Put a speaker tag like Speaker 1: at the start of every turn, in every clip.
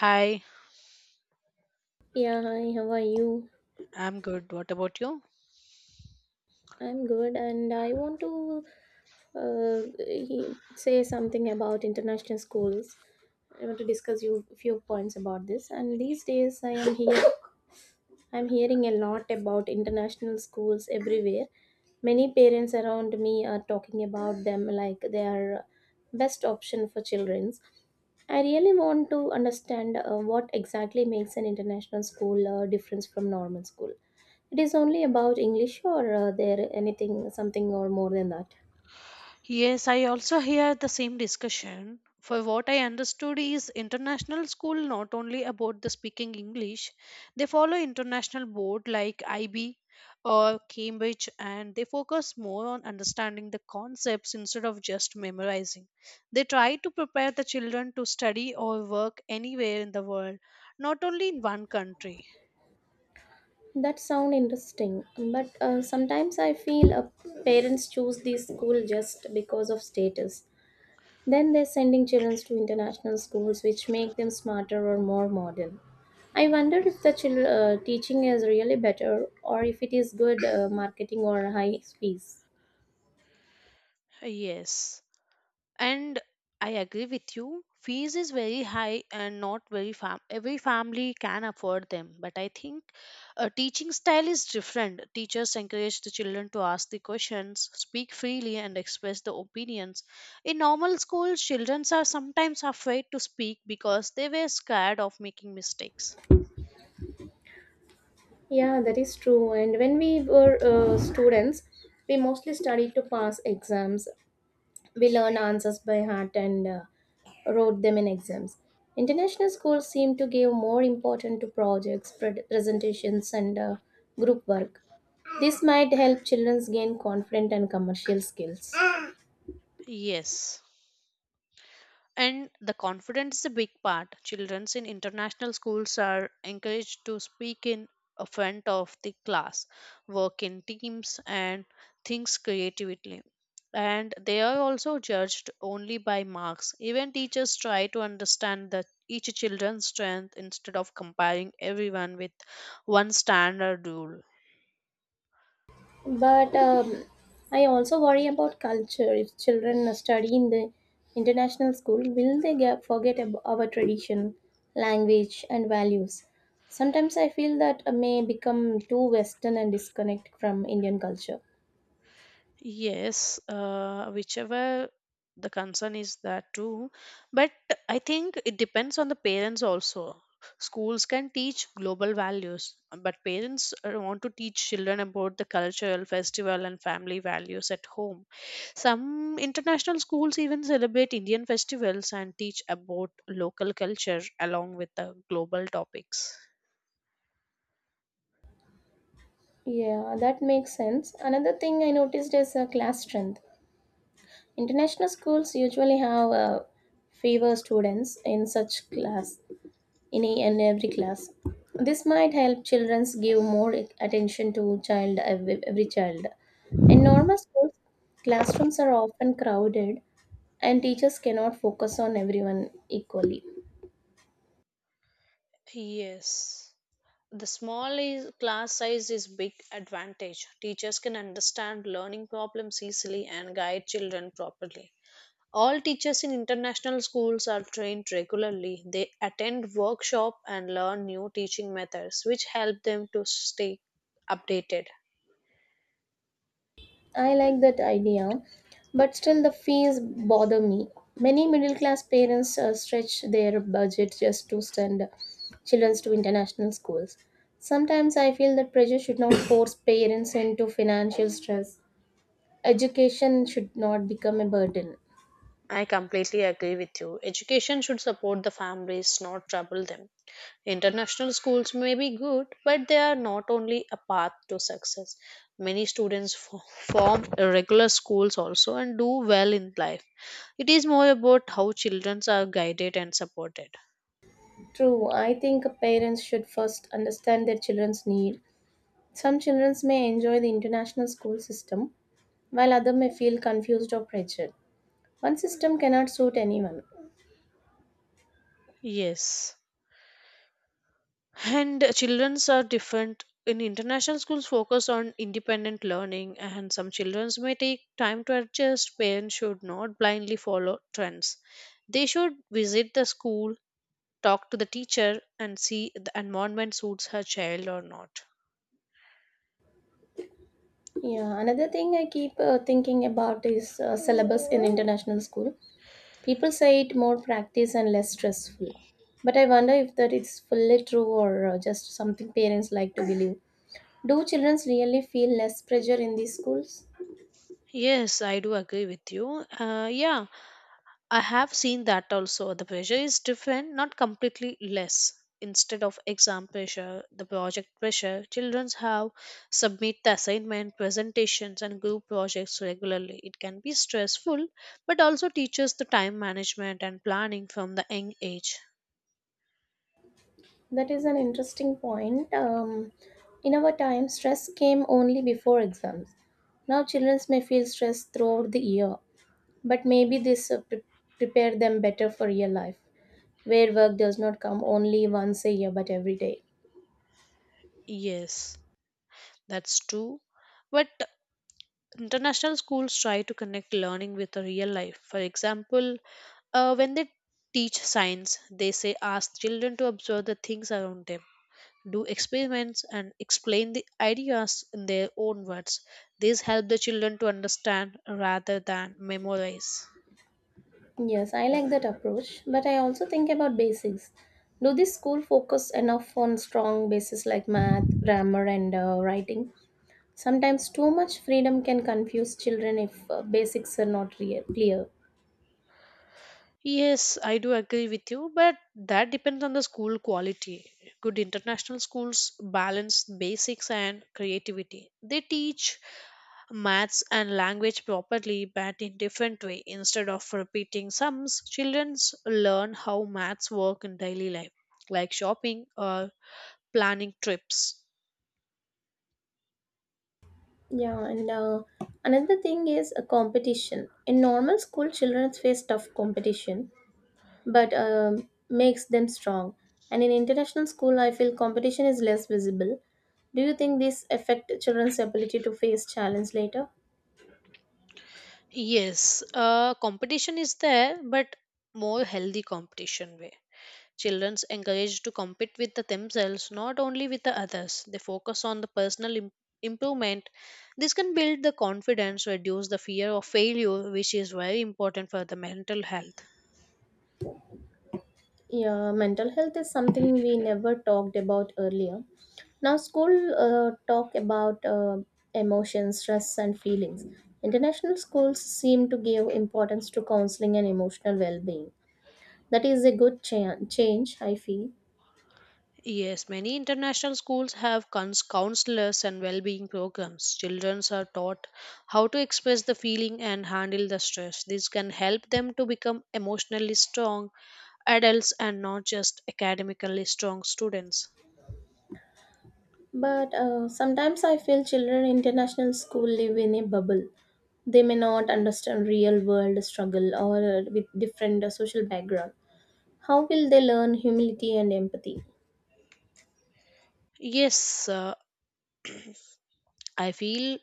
Speaker 1: Hi,
Speaker 2: Yeah, hi, how are you?
Speaker 1: I'm good. What about you?
Speaker 2: I'm good, and I want to say something about international schools. I want to discuss you a few points about this. And these days, I am here. I'm hearing a lot about international schools everywhere. Many parents around me are talking about them like they are best option for children. I really want to understand what exactly makes an international school difference from normal school. It is only about English or there anything something or more than that.
Speaker 1: Yes, I also hear the same discussion. For what I understood is international school not only about the speaking English, they follow international board like IB or Cambridge and they focus more on understanding the concepts instead of just memorizing. They try to prepare the children to study or work anywhere in the world, not only in one country.
Speaker 2: That sound interesting, but sometimes I feel parents choose this school just because of status. Then they're sending children to international schools which make them smarter or more modern. I wonder if the teaching is really better or if it is good marketing or high fees.
Speaker 1: Yes, and I agree with you, fees is very high and not very every family can afford them, but I think a teaching style is different. Teachers encourage the children to ask the questions, speak freely and express the opinions. In normal schools children are sometimes afraid to speak because they were scared of making mistakes.
Speaker 2: Yeah, that is true. And when we were students, we mostly studied to pass exams. We learned answers by heart and wrote them in exams. International schools seem to give more importance to projects, presentations, and group work. This might help children gain confident and commercial skills.
Speaker 1: Yes. And the confidence is a big part. Children in international schools are encouraged to speak in a front of the class, work in teams, and think creatively. And they are also judged only by marks. Even teachers try to understand that each children's strength instead of comparing everyone with one standard rule.
Speaker 2: But I also worry about culture. If children study in the international school, will they get, forget our tradition, language, and values? Sometimes I feel that may become too Western and disconnect from Indian culture.
Speaker 1: Yes, whichever the concern is that too. But I think it depends on the parents also. Schools can teach global values, but parents want to teach children about the cultural, festival, and family values at home. Some international schools even celebrate Indian festivals and teach about local culture along with the global topics.
Speaker 2: Yeah, that makes sense. Another thing I noticed is class strength. International schools usually have fewer students in such class in every class. This might help children give more attention to child every child. In normal schools, classrooms are often crowded and teachers cannot focus on everyone equally.
Speaker 1: Yes. The class size is big advantage. Teachers can understand learning problems easily and guide children properly. All teachers in international schools are trained regularly. They attend workshop and learn new teaching methods which help them to stay updated.
Speaker 2: I like that idea, but still the fees bother me. Many middle class parents stretch their budget just to send children to international schools. Sometimes I feel that pressure should not force parents into financial stress. Education should not become a burden.
Speaker 1: I completely agree with you. Education should support the families, not trouble them. International schools may be good, but they are not only a path to success. Many students form irregular schools also and do well in life. It is more about how children are guided and supported.
Speaker 2: True, I think parents should first understand their children's need. Some children may enjoy the international school system, while others may feel confused or pressured. One system cannot suit anyone.
Speaker 1: Yes. And children are different. In international schools, focus on independent learning, and some children may take time to adjust. Parents should not blindly follow trends. They should visit the school, talk to the teacher and see the environment suits her child or not.
Speaker 2: Yeah, another thing I keep thinking about is syllabus in international school. People say it more practice and less stressful, but I wonder if that is fully true or just something parents like to believe. Do children really feel less pressure in these schools?
Speaker 1: Yes, I do agree with you. Yeah, I have seen that also. The pressure is different, not completely less. Instead of exam pressure, the project pressure children have, submit the assignment, presentations and group projects regularly. It can be stressful, but also teaches the time management and planning from the young age.
Speaker 2: That is an interesting point. In our time, stress came only before exams. Now, children may feel stress throughout the year, but maybe this prepare them better for real life, where work does not come only once a year but every day.
Speaker 1: Yes, that's true. But international schools try to connect learning with the real life. For example, when they teach science, they say ask children to observe the things around them, do experiments, and explain the ideas in their own words. These help the children to understand rather than memorize.
Speaker 2: Yes, I like that approach, but I also think about basics. Do this school focus enough on strong bases like math, grammar, and writing? Sometimes too much freedom can confuse children if basics are not real, clear.
Speaker 1: Yes, I do agree with you, but that depends on the school quality. Good international schools balance basics and creativity. They teach maths and language properly but in different way. Instead of repeating sums, children learn how maths work in daily life, like shopping or planning trips.
Speaker 2: Yeah, and another thing is a competition. In normal school, children face tough competition, but makes them strong. And in international school, I feel competition is less visible. Do you think this affect children's ability to face challenge later?
Speaker 1: Yes, competition is there, but more healthy competition way. Children encouraged to compete with the themselves, not only with the others. They focus on the personal improvement. This can build the confidence, reduce the fear of failure, which is very important for the mental health.
Speaker 2: Yeah, mental health is something we never talked about earlier. Now, school talk about emotions, stress, and feelings. International schools seem to give importance to counseling and emotional well-being. That is a good change, I feel.
Speaker 1: Yes, many international schools have counselors and well-being programs. Children are taught how to express the feeling and handle the stress. This can help them to become emotionally strong adults and not just academically strong students.
Speaker 2: But sometimes I feel children in international school live in a bubble. They may not understand real world struggle or with different social background. How will they learn humility and empathy?
Speaker 1: Yes, I feel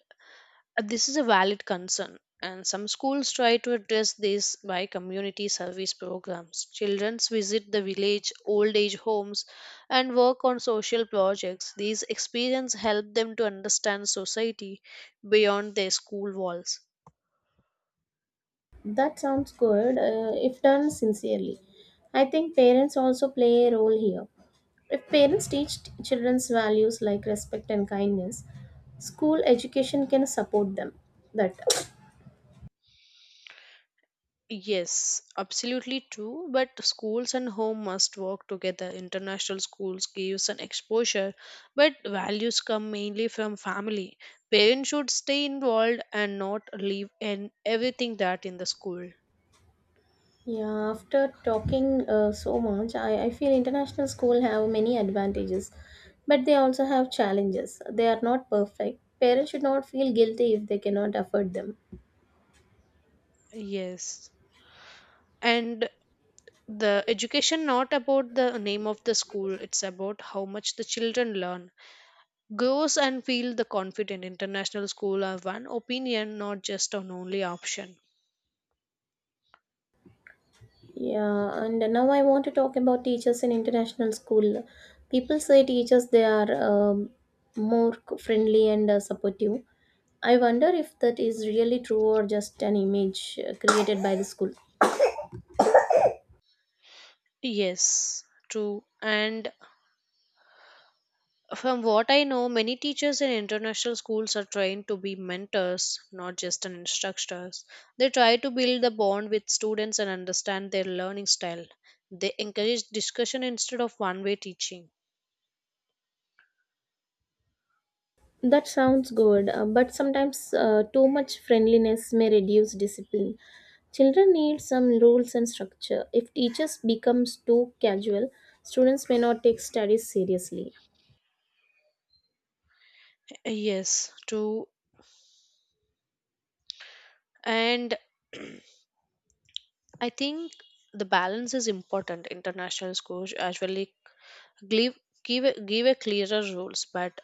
Speaker 1: this is a valid concern, and some schools try to address this by community service programs. Children visit the village old age homes and work on social projects. These experiences help them to understand society beyond their school walls.
Speaker 2: That sounds good if done sincerely. I think parents also play a role here. If parents teach children's values like respect and kindness, school education can support them. That
Speaker 1: Yes, absolutely true. But schools and home must work together. International schools gives an exposure, but values come mainly from family. Parents should stay involved and not leave in everything that in the school.
Speaker 2: Yeah, after talking so much, I feel international school have many advantages, but they also have challenges. They are not perfect. Parents should not feel guilty if they cannot afford them.
Speaker 1: Yes. And the education not about the name of the school, it's about how much the children learn, grows and feel the confident. International school are one opinion, not just an only option.
Speaker 2: Yeah, and now I want to talk about teachers in international school. People say teachers they are friendly and supportive. I wonder if that is really true or just an image created by the school.
Speaker 1: Yes, true. And from what I know, many teachers in international schools are trained to be mentors, not just an instructors. They try to build the bond with students and understand their learning style. They encourage discussion instead of one way teaching.
Speaker 2: That sounds good, but sometimes too much friendliness may reduce discipline. Children need some rules and structure. If teachers becomes too casual, students may not take studies seriously.
Speaker 1: Yes, true. And I think the balance is important. International schools usually give give a clearer rules, but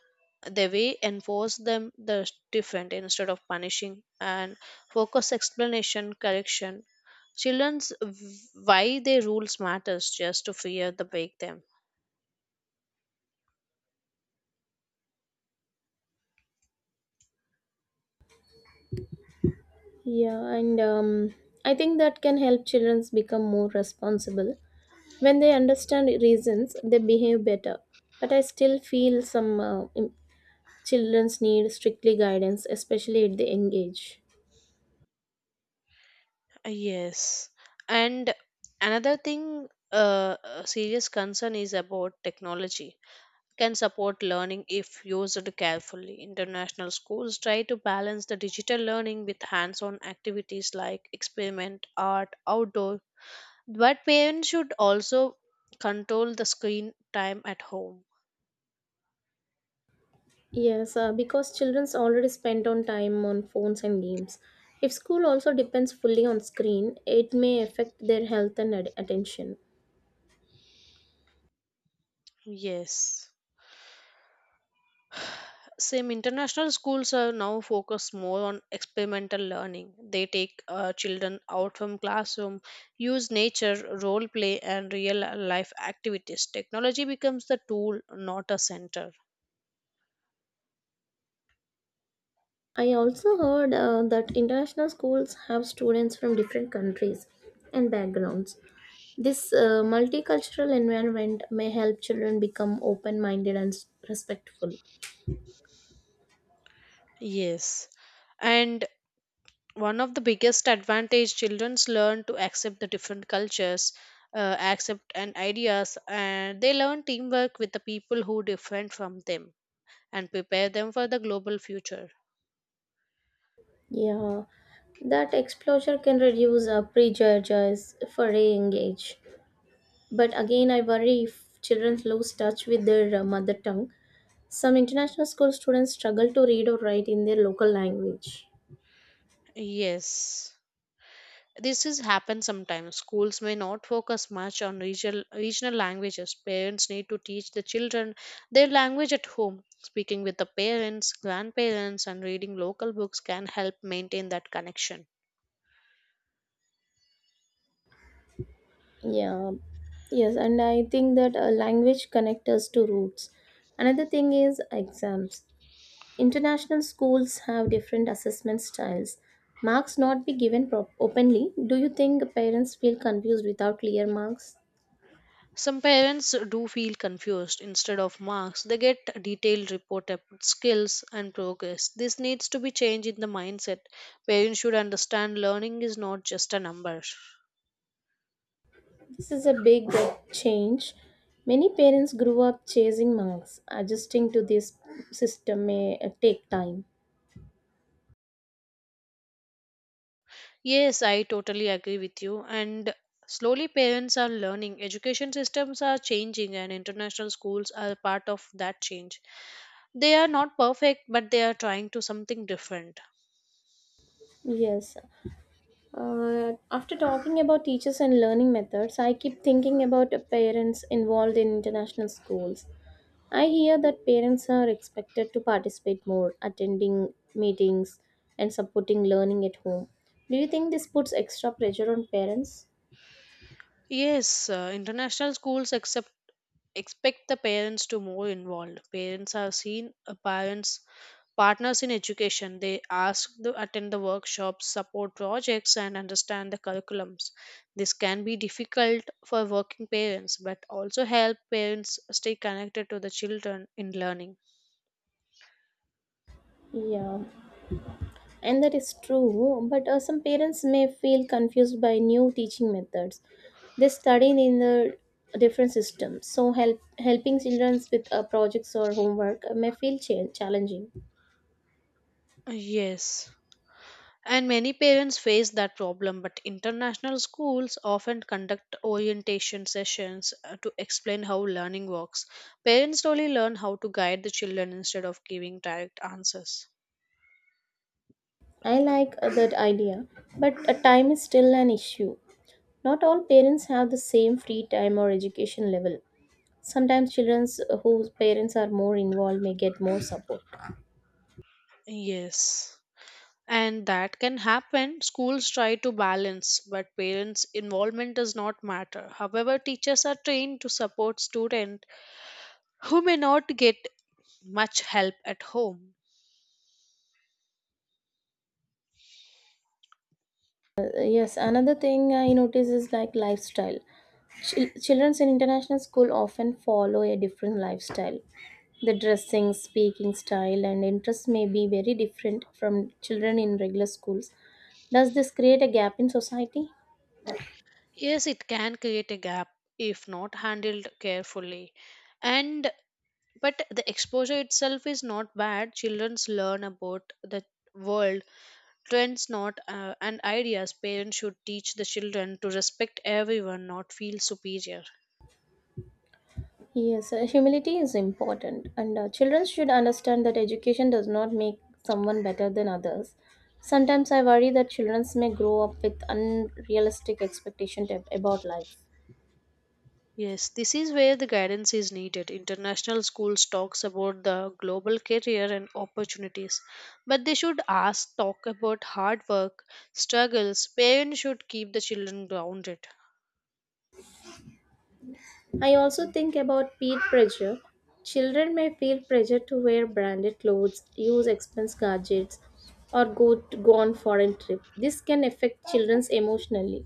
Speaker 1: the way enforce them the different instead of punishing and focus explanation correction children's why their rules matters just to fear the break them.
Speaker 2: Yeah, and I think that can help children become more responsible. When they understand reasons, they behave better. But I still feel some children need strictly guidance, especially at the young age.
Speaker 1: Yes, and another thing, a serious concern is about technology, can support learning if used carefully. International schools try to balance the digital learning with hands on activities like experiment, art, outdoor, but parents should also control the screen time at home.
Speaker 2: Yes, because children's already spend on time on phones and games. If school also depends fully on screen, it may affect their health and attention.
Speaker 1: Yes. Same international schools are now focused more on experimental learning. They take children out from classroom, use nature, role play, and real life activities. Technology becomes the tool, not a center.
Speaker 2: I also heard that international schools have students from different countries and backgrounds. This multicultural environment may help children become open-minded and respectful.
Speaker 1: Yes. And one of the biggest advantage childrens learn to accept the different cultures, accept and ideas, and they learn teamwork with the people who different from them and prepare them for the global future.
Speaker 2: Yeah, that exposure can reduce prejudices for a young age. But again, I worry if children lose touch with their mother tongue. Some international school students struggle to read or write in their local language.
Speaker 1: Yes. This is happen sometimes. Schools may not focus much on regional languages. Parents need to teach the children their language at home. Speaking with the parents, grandparents, and reading local books can help maintain that connection.
Speaker 2: Yeah, yes, and I think that language connects us to roots. Another thing is exams. International schools have different assessment styles. Marks not be given openly. Do you think parents feel confused without clear marks?
Speaker 1: Some parents do feel confused. Instead of marks, they get detailed report about skills and progress. This needs to be changed in the mindset. Parents should understand learning is not just a number.
Speaker 2: This is a big change. Many parents grew up chasing marks. Adjusting to this system may take time.
Speaker 1: Yes, I totally agree with you. And slowly, parents are learning. Education systems are changing, and international schools are part of that change. They are not perfect, but they are trying to something different.
Speaker 2: Yes. After talking about teachers and learning methods, I keep thinking about parents involved in international schools. I hear that parents are expected to participate more, attending meetings and supporting learning at home. Do you think this puts extra pressure on parents?
Speaker 1: Yes, international schools accept expect the parents to more involved. Parents are seen parents partners in education. They ask to attend the workshops, support projects and understand the curriculums. This can be difficult for working parents, but also help parents stay connected to the children in learning.
Speaker 2: Yeah. And that is true, but some parents may feel confused by new teaching methods. They study in the different systems, so helping children with projects or homework may feel challenging.
Speaker 1: Yes. And many parents face that problem, but international schools often conduct orientation sessions to explain how learning works. Parents slowly learn how to guide the children instead of giving direct answers.
Speaker 2: I like that idea, but time is still an issue. Not all parents have the same free time or education level. Sometimes children whose parents are more involved may get more support.
Speaker 1: Yes. And that can happen. Schools try to balance, but parents' involvement does not matter. However, teachers are trained to support students who may not get much help at home.
Speaker 2: Yes, another thing I notice is like lifestyle. Children in international school often follow a different lifestyle. The dressing, speaking style, and interests may be very different from children in regular schools. Does this create a gap in society?
Speaker 1: Yes, it can create a gap if not handled carefully. And but the exposure itself is not bad. Childrens learn about the world, trends, not and ideas. Parents should teach the children to respect everyone, not feel superior.
Speaker 2: Yes, humility is important, and children should understand that education does not make someone better than others. Sometimes I worry that children may grow up with unrealistic expectations about life.
Speaker 1: Yes, this is where the guidance is needed. International schools talks about the global career and opportunities, but they should ask talk about hard work, struggles. Parents should keep the children grounded.
Speaker 2: I also think about peer pressure. Children may feel pressure to wear branded clothes, use expensive gadgets, or go on foreign trip. This can affect children's emotionally.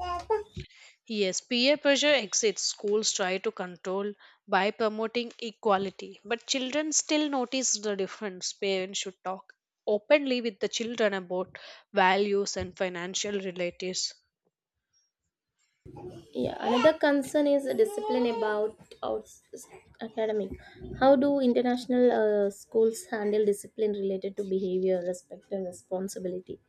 Speaker 1: Yes, peer pressure exists. Schools try to control by promoting equality, but children still notice the difference. Parents should talk openly with the children about values and financial relatives.
Speaker 2: Yeah, another concern is discipline about academic. How do international schools handle discipline related to behavior, respect, and responsibility?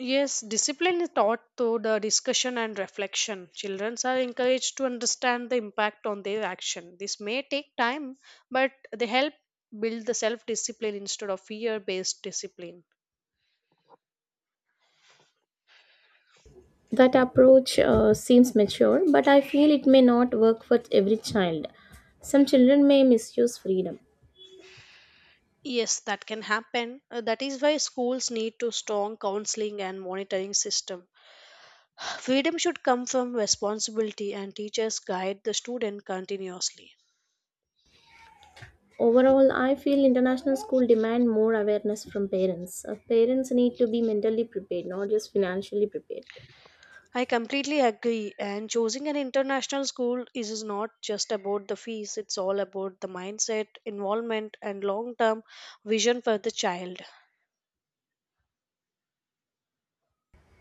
Speaker 1: Yes, discipline is taught through the discussion and reflection. Children are encouraged to understand the impact on their action. This may take time, but they help build the self discipline instead of fear based discipline.
Speaker 2: That approach seems mature, but I feel it may not work for every child. Some children may misuse freedom.
Speaker 1: Yes, that can happen. That is why schools need to strong counseling and monitoring system. Freedom should come from responsibility and teachers guide the student continuously.
Speaker 2: Overall, I feel international school demand more awareness from parents. Parents need to be mentally prepared, not just financially prepared.
Speaker 1: I completely agree and choosing an international school is not just about the fees, it's all about the mindset, involvement and long-term vision for the child.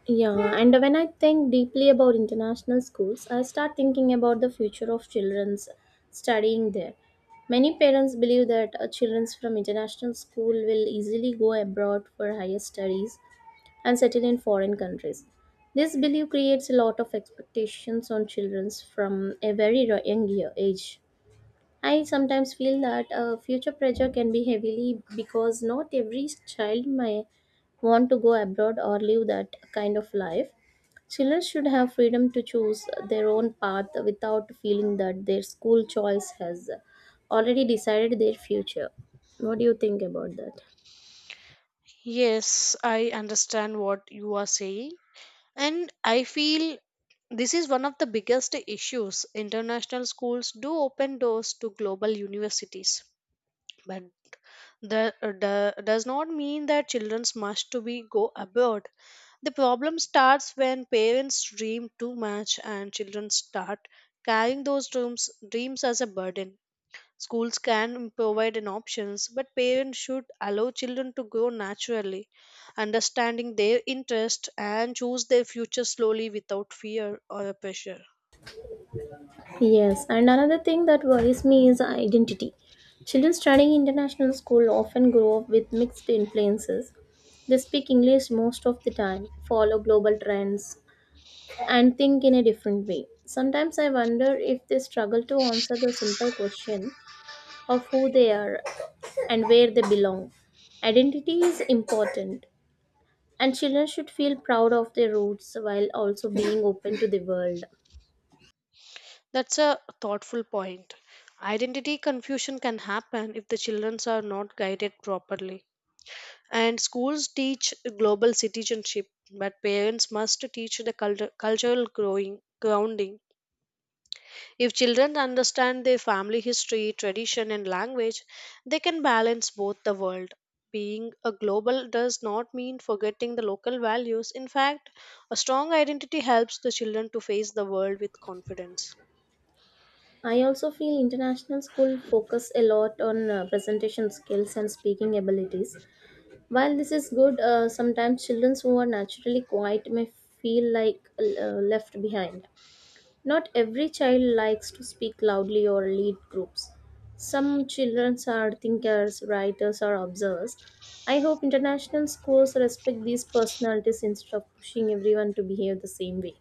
Speaker 2: Yeah, and when I think deeply about international schools, I start thinking about the future of children's studying there. Many parents believe that children from international school will easily go abroad for higher studies and settle in foreign countries. This belief creates a lot of expectations on children from a very age. I sometimes feel that future pressure can be heavily because not every child may want to go abroad or live that kind of life. Children should have freedom to choose their own path without feeling that their school choice has already decided their future. What do you think about that?
Speaker 1: Yes, I understand what you are saying. And I feel this is one of the biggest issues. International schools do open doors to global universities, but that does not mean that children must to be go abroad. The problem starts when parents dream too much and children start carrying those dreams as a burden. Schools can provide an options, but parents should allow children to grow naturally, understanding their interest and choose their future slowly without fear or pressure.
Speaker 2: Yes, and another thing that worries me is identity. Children studying international school often grow up with mixed influences. They speak English most of the time, follow global trends, and think in a different way. Sometimes I wonder if they struggle to answer the simple question of who they are and where they belong. Identity is important, and children should feel proud of their roots while also being open to the world.
Speaker 1: That's a thoughtful point. Identity confusion can happen if the children are not guided properly. And schools teach global citizenship, but parents must teach the cultural growing grounding. If children understand their family history, tradition, and language, they can balance both the world. Being a global does not mean forgetting the local values. In fact, a strong identity helps the children to face the world with confidence.
Speaker 2: I also feel international school focus a lot on presentation skills and speaking abilities. While this is good, sometimes children who are naturally quiet may feel like left behind. Not every child likes to speak loudly or lead groups. Some children are thinkers, writers, or observers. I hope international schools respect these personalities instead of pushing everyone to behave the same way.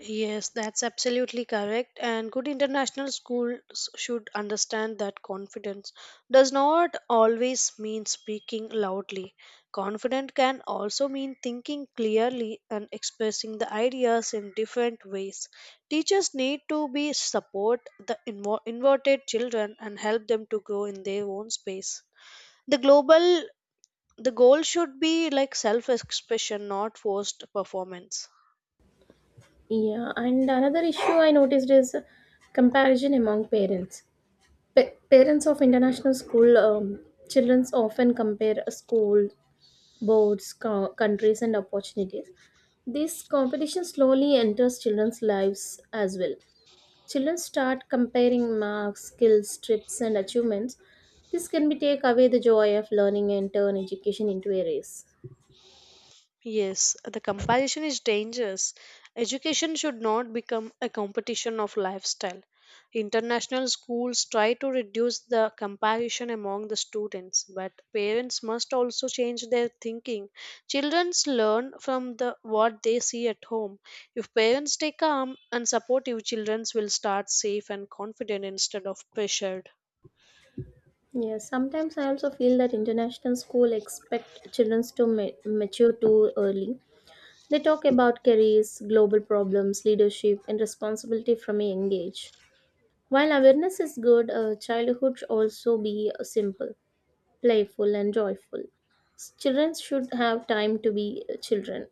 Speaker 1: Yes, that's absolutely correct. And good international schools should understand that confidence does not always mean speaking loudly. Confident can also mean thinking clearly and expressing the ideas in different ways. Teachers need to be support the inverted children and help them to grow in their own space. The global the goal should be like self expression, not forced performance.
Speaker 2: Yeah, and another issue I noticed is comparison among parents. Parents of international school children often compare a school, boards, countries, and opportunities. This competition slowly enters children's lives as well. Children start comparing marks, skills, trips, and achievements. This can be take away the joy of learning and turn education into a race.
Speaker 1: Yes, the comparison is dangerous. Education should not become a competition of lifestyle. International schools try to reduce the comparison among the students, but parents must also change their thinking. Children learn from the what they see at home. If parents stay calm and supportive, children will start safe and confident instead of pressured.
Speaker 2: Yeah, sometimes I also feel that international school expect children to mature too early. They talk about careers, global problems, leadership, and responsibility from a young age. While awareness is good, childhood should also be simple, playful, and joyful. Children should have time to be children.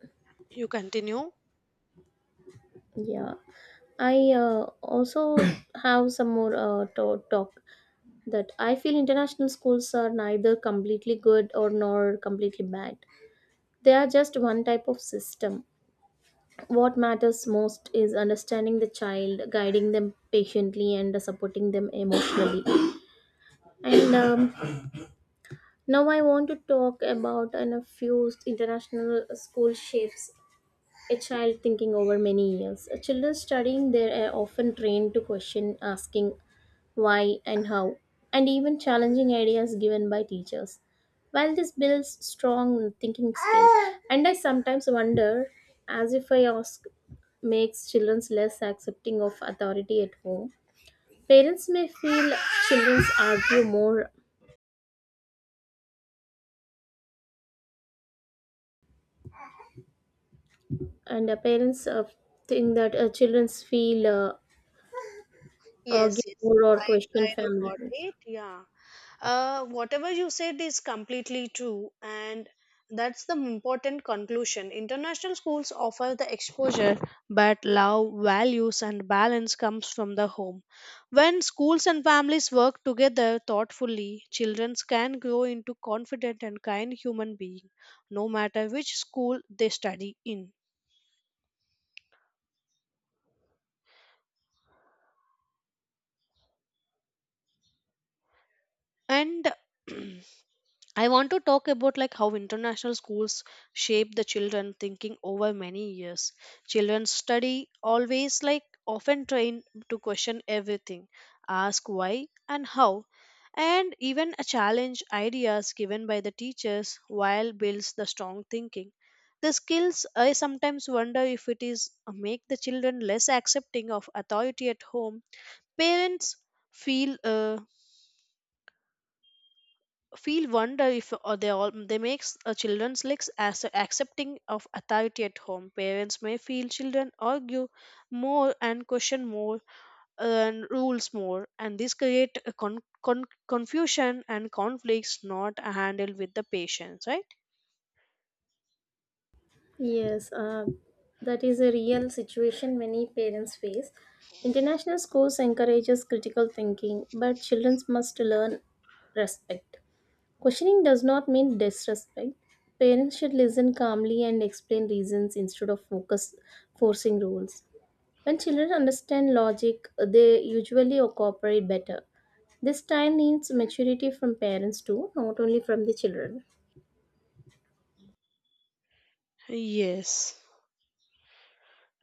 Speaker 1: You continue.
Speaker 2: Yeah, I also have some more talk that I feel international schools are neither completely good or nor completely bad. They are just one type of system. What matters most is understanding the child, guiding them patiently, and supporting them emotionally. And Now I want to talk about a few international school shifts a child thinking over many years. A children studying there are often trained to question, asking why and how, and even challenging ideas given by teachers. While this builds strong thinking skills, and I sometimes wonder, as if I ask, makes children less accepting of authority at home. Parents may feel children argue more, and parents think that children feel argue
Speaker 1: Yes, yes.
Speaker 2: more or
Speaker 1: I
Speaker 2: question
Speaker 1: I do
Speaker 2: family
Speaker 1: got
Speaker 2: rules.
Speaker 1: it. Yeah. Whatever you said is completely true, and that's the important conclusion. International schools offer the exposure, but love, values, and balance comes from the home. When schools and families work together thoughtfully, children can grow into confident and kind human beings, no matter which school they study in. And I want to talk about like how international schools shape the children thinking over many years. Children study always like often trained to question everything, ask why and how, and even a challenge ideas given by the teachers while builds the strong thinking the skills. I sometimes wonder if it is make the children less accepting of authority at home. Parents feel wonder if or they all they makes children's legs as accepting of authority at home. Parents may feel children argue more and question more and rules more, and this create a confusion and conflicts not handled with the patience, right?
Speaker 2: Yes, that is a real situation many parents face. International schools encourages critical thinking, but children must learn respect. Questioning does not mean disrespect. Parents should listen calmly and explain reasons instead of focus forcing rules. When children understand logic, they usually cooperate better. This time needs maturity from parents too, not only from the children.
Speaker 1: Yes.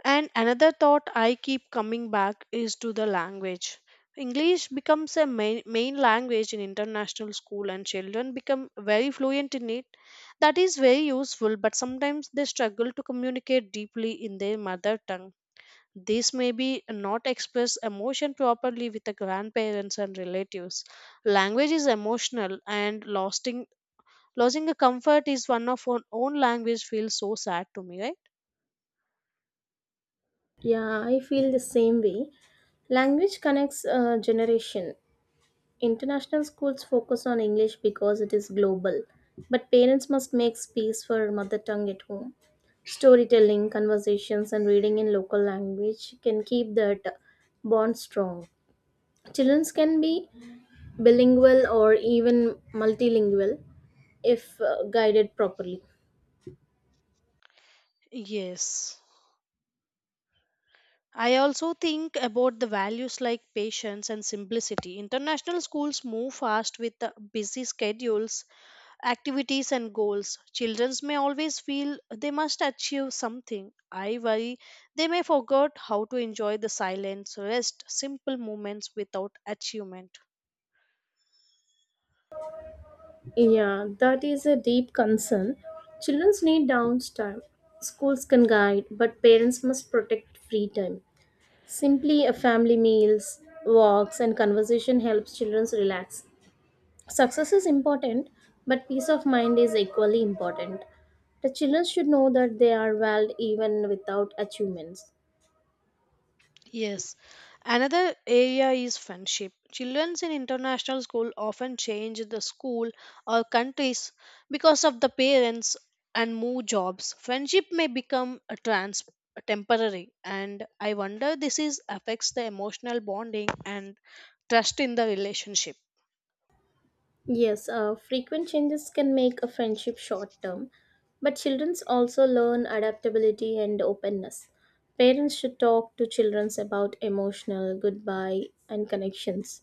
Speaker 1: And another thought I keep coming back is to the language. English becomes a main language in international school and children become very fluent in it. That is very useful, but sometimes they struggle to communicate deeply in their mother tongue. This may be not express emotion properly with the grandparents and relatives. Language is emotional and losing a comfort is one of our own language feels so sad to me, right?
Speaker 2: Yeah, I feel the same way. Language connects a generation. International schools focus on English because it is global, but parents must make space for mother tongue at home. Storytelling, conversations, and reading in local language can keep that bond strong. Children can be bilingual or even multilingual if guided properly.
Speaker 1: Yes. I also think about the values like patience and simplicity. International schools move fast with the busy schedules, activities, and goals. Children may always feel they must achieve something. I worry they may forget how to enjoy the silence, rest, simple moments without achievement.
Speaker 2: Yeah, that is a deep concern. Children need downtime. Schools can guide, but parents must protect free time. Simply a family meals, walks and conversation helps children relax. Success is important, but peace of mind is equally important. The children should know that they are valued even without achievements.
Speaker 1: Yes. Another area is friendship. Children in international school often change the school or countries because of the parents and move jobs. Friendship may become a trans temporary and I wonder this is affects the emotional bonding and trust in the relationship.
Speaker 2: Yes, frequent changes can make a friendship short term, but children also learn adaptability and openness. Parents should talk to children about emotional goodbye and connections.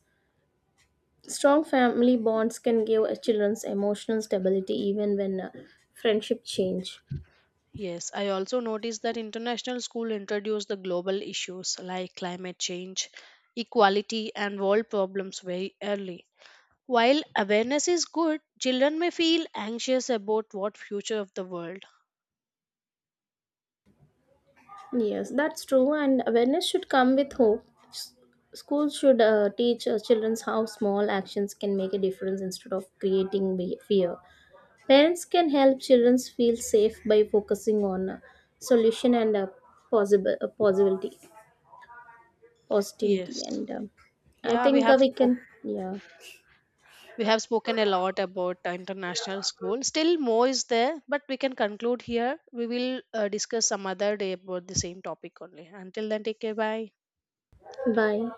Speaker 2: Strong family bonds can give a children's emotional stability even when friendship change.
Speaker 1: Yes, I also noticed that international school introduce the global issues like climate change, equality and world problems very early. While awareness is good, children may feel anxious about what future of the world.
Speaker 2: Yes, that's true, and awareness should come with hope. S- Schools should teach children how small actions can make a difference instead of creating fear. Parents can help children feel safe by focusing on solution and possible possibility, positivity,
Speaker 1: Yes.
Speaker 2: and I
Speaker 1: Yeah, we
Speaker 2: think
Speaker 1: have
Speaker 2: we
Speaker 1: spoke,
Speaker 2: can. Yeah.
Speaker 1: we have spoken a lot about international school. Still more is there, but we can conclude here. We will discuss some other day about the same topic only. Until then, take care. Bye.
Speaker 2: Bye.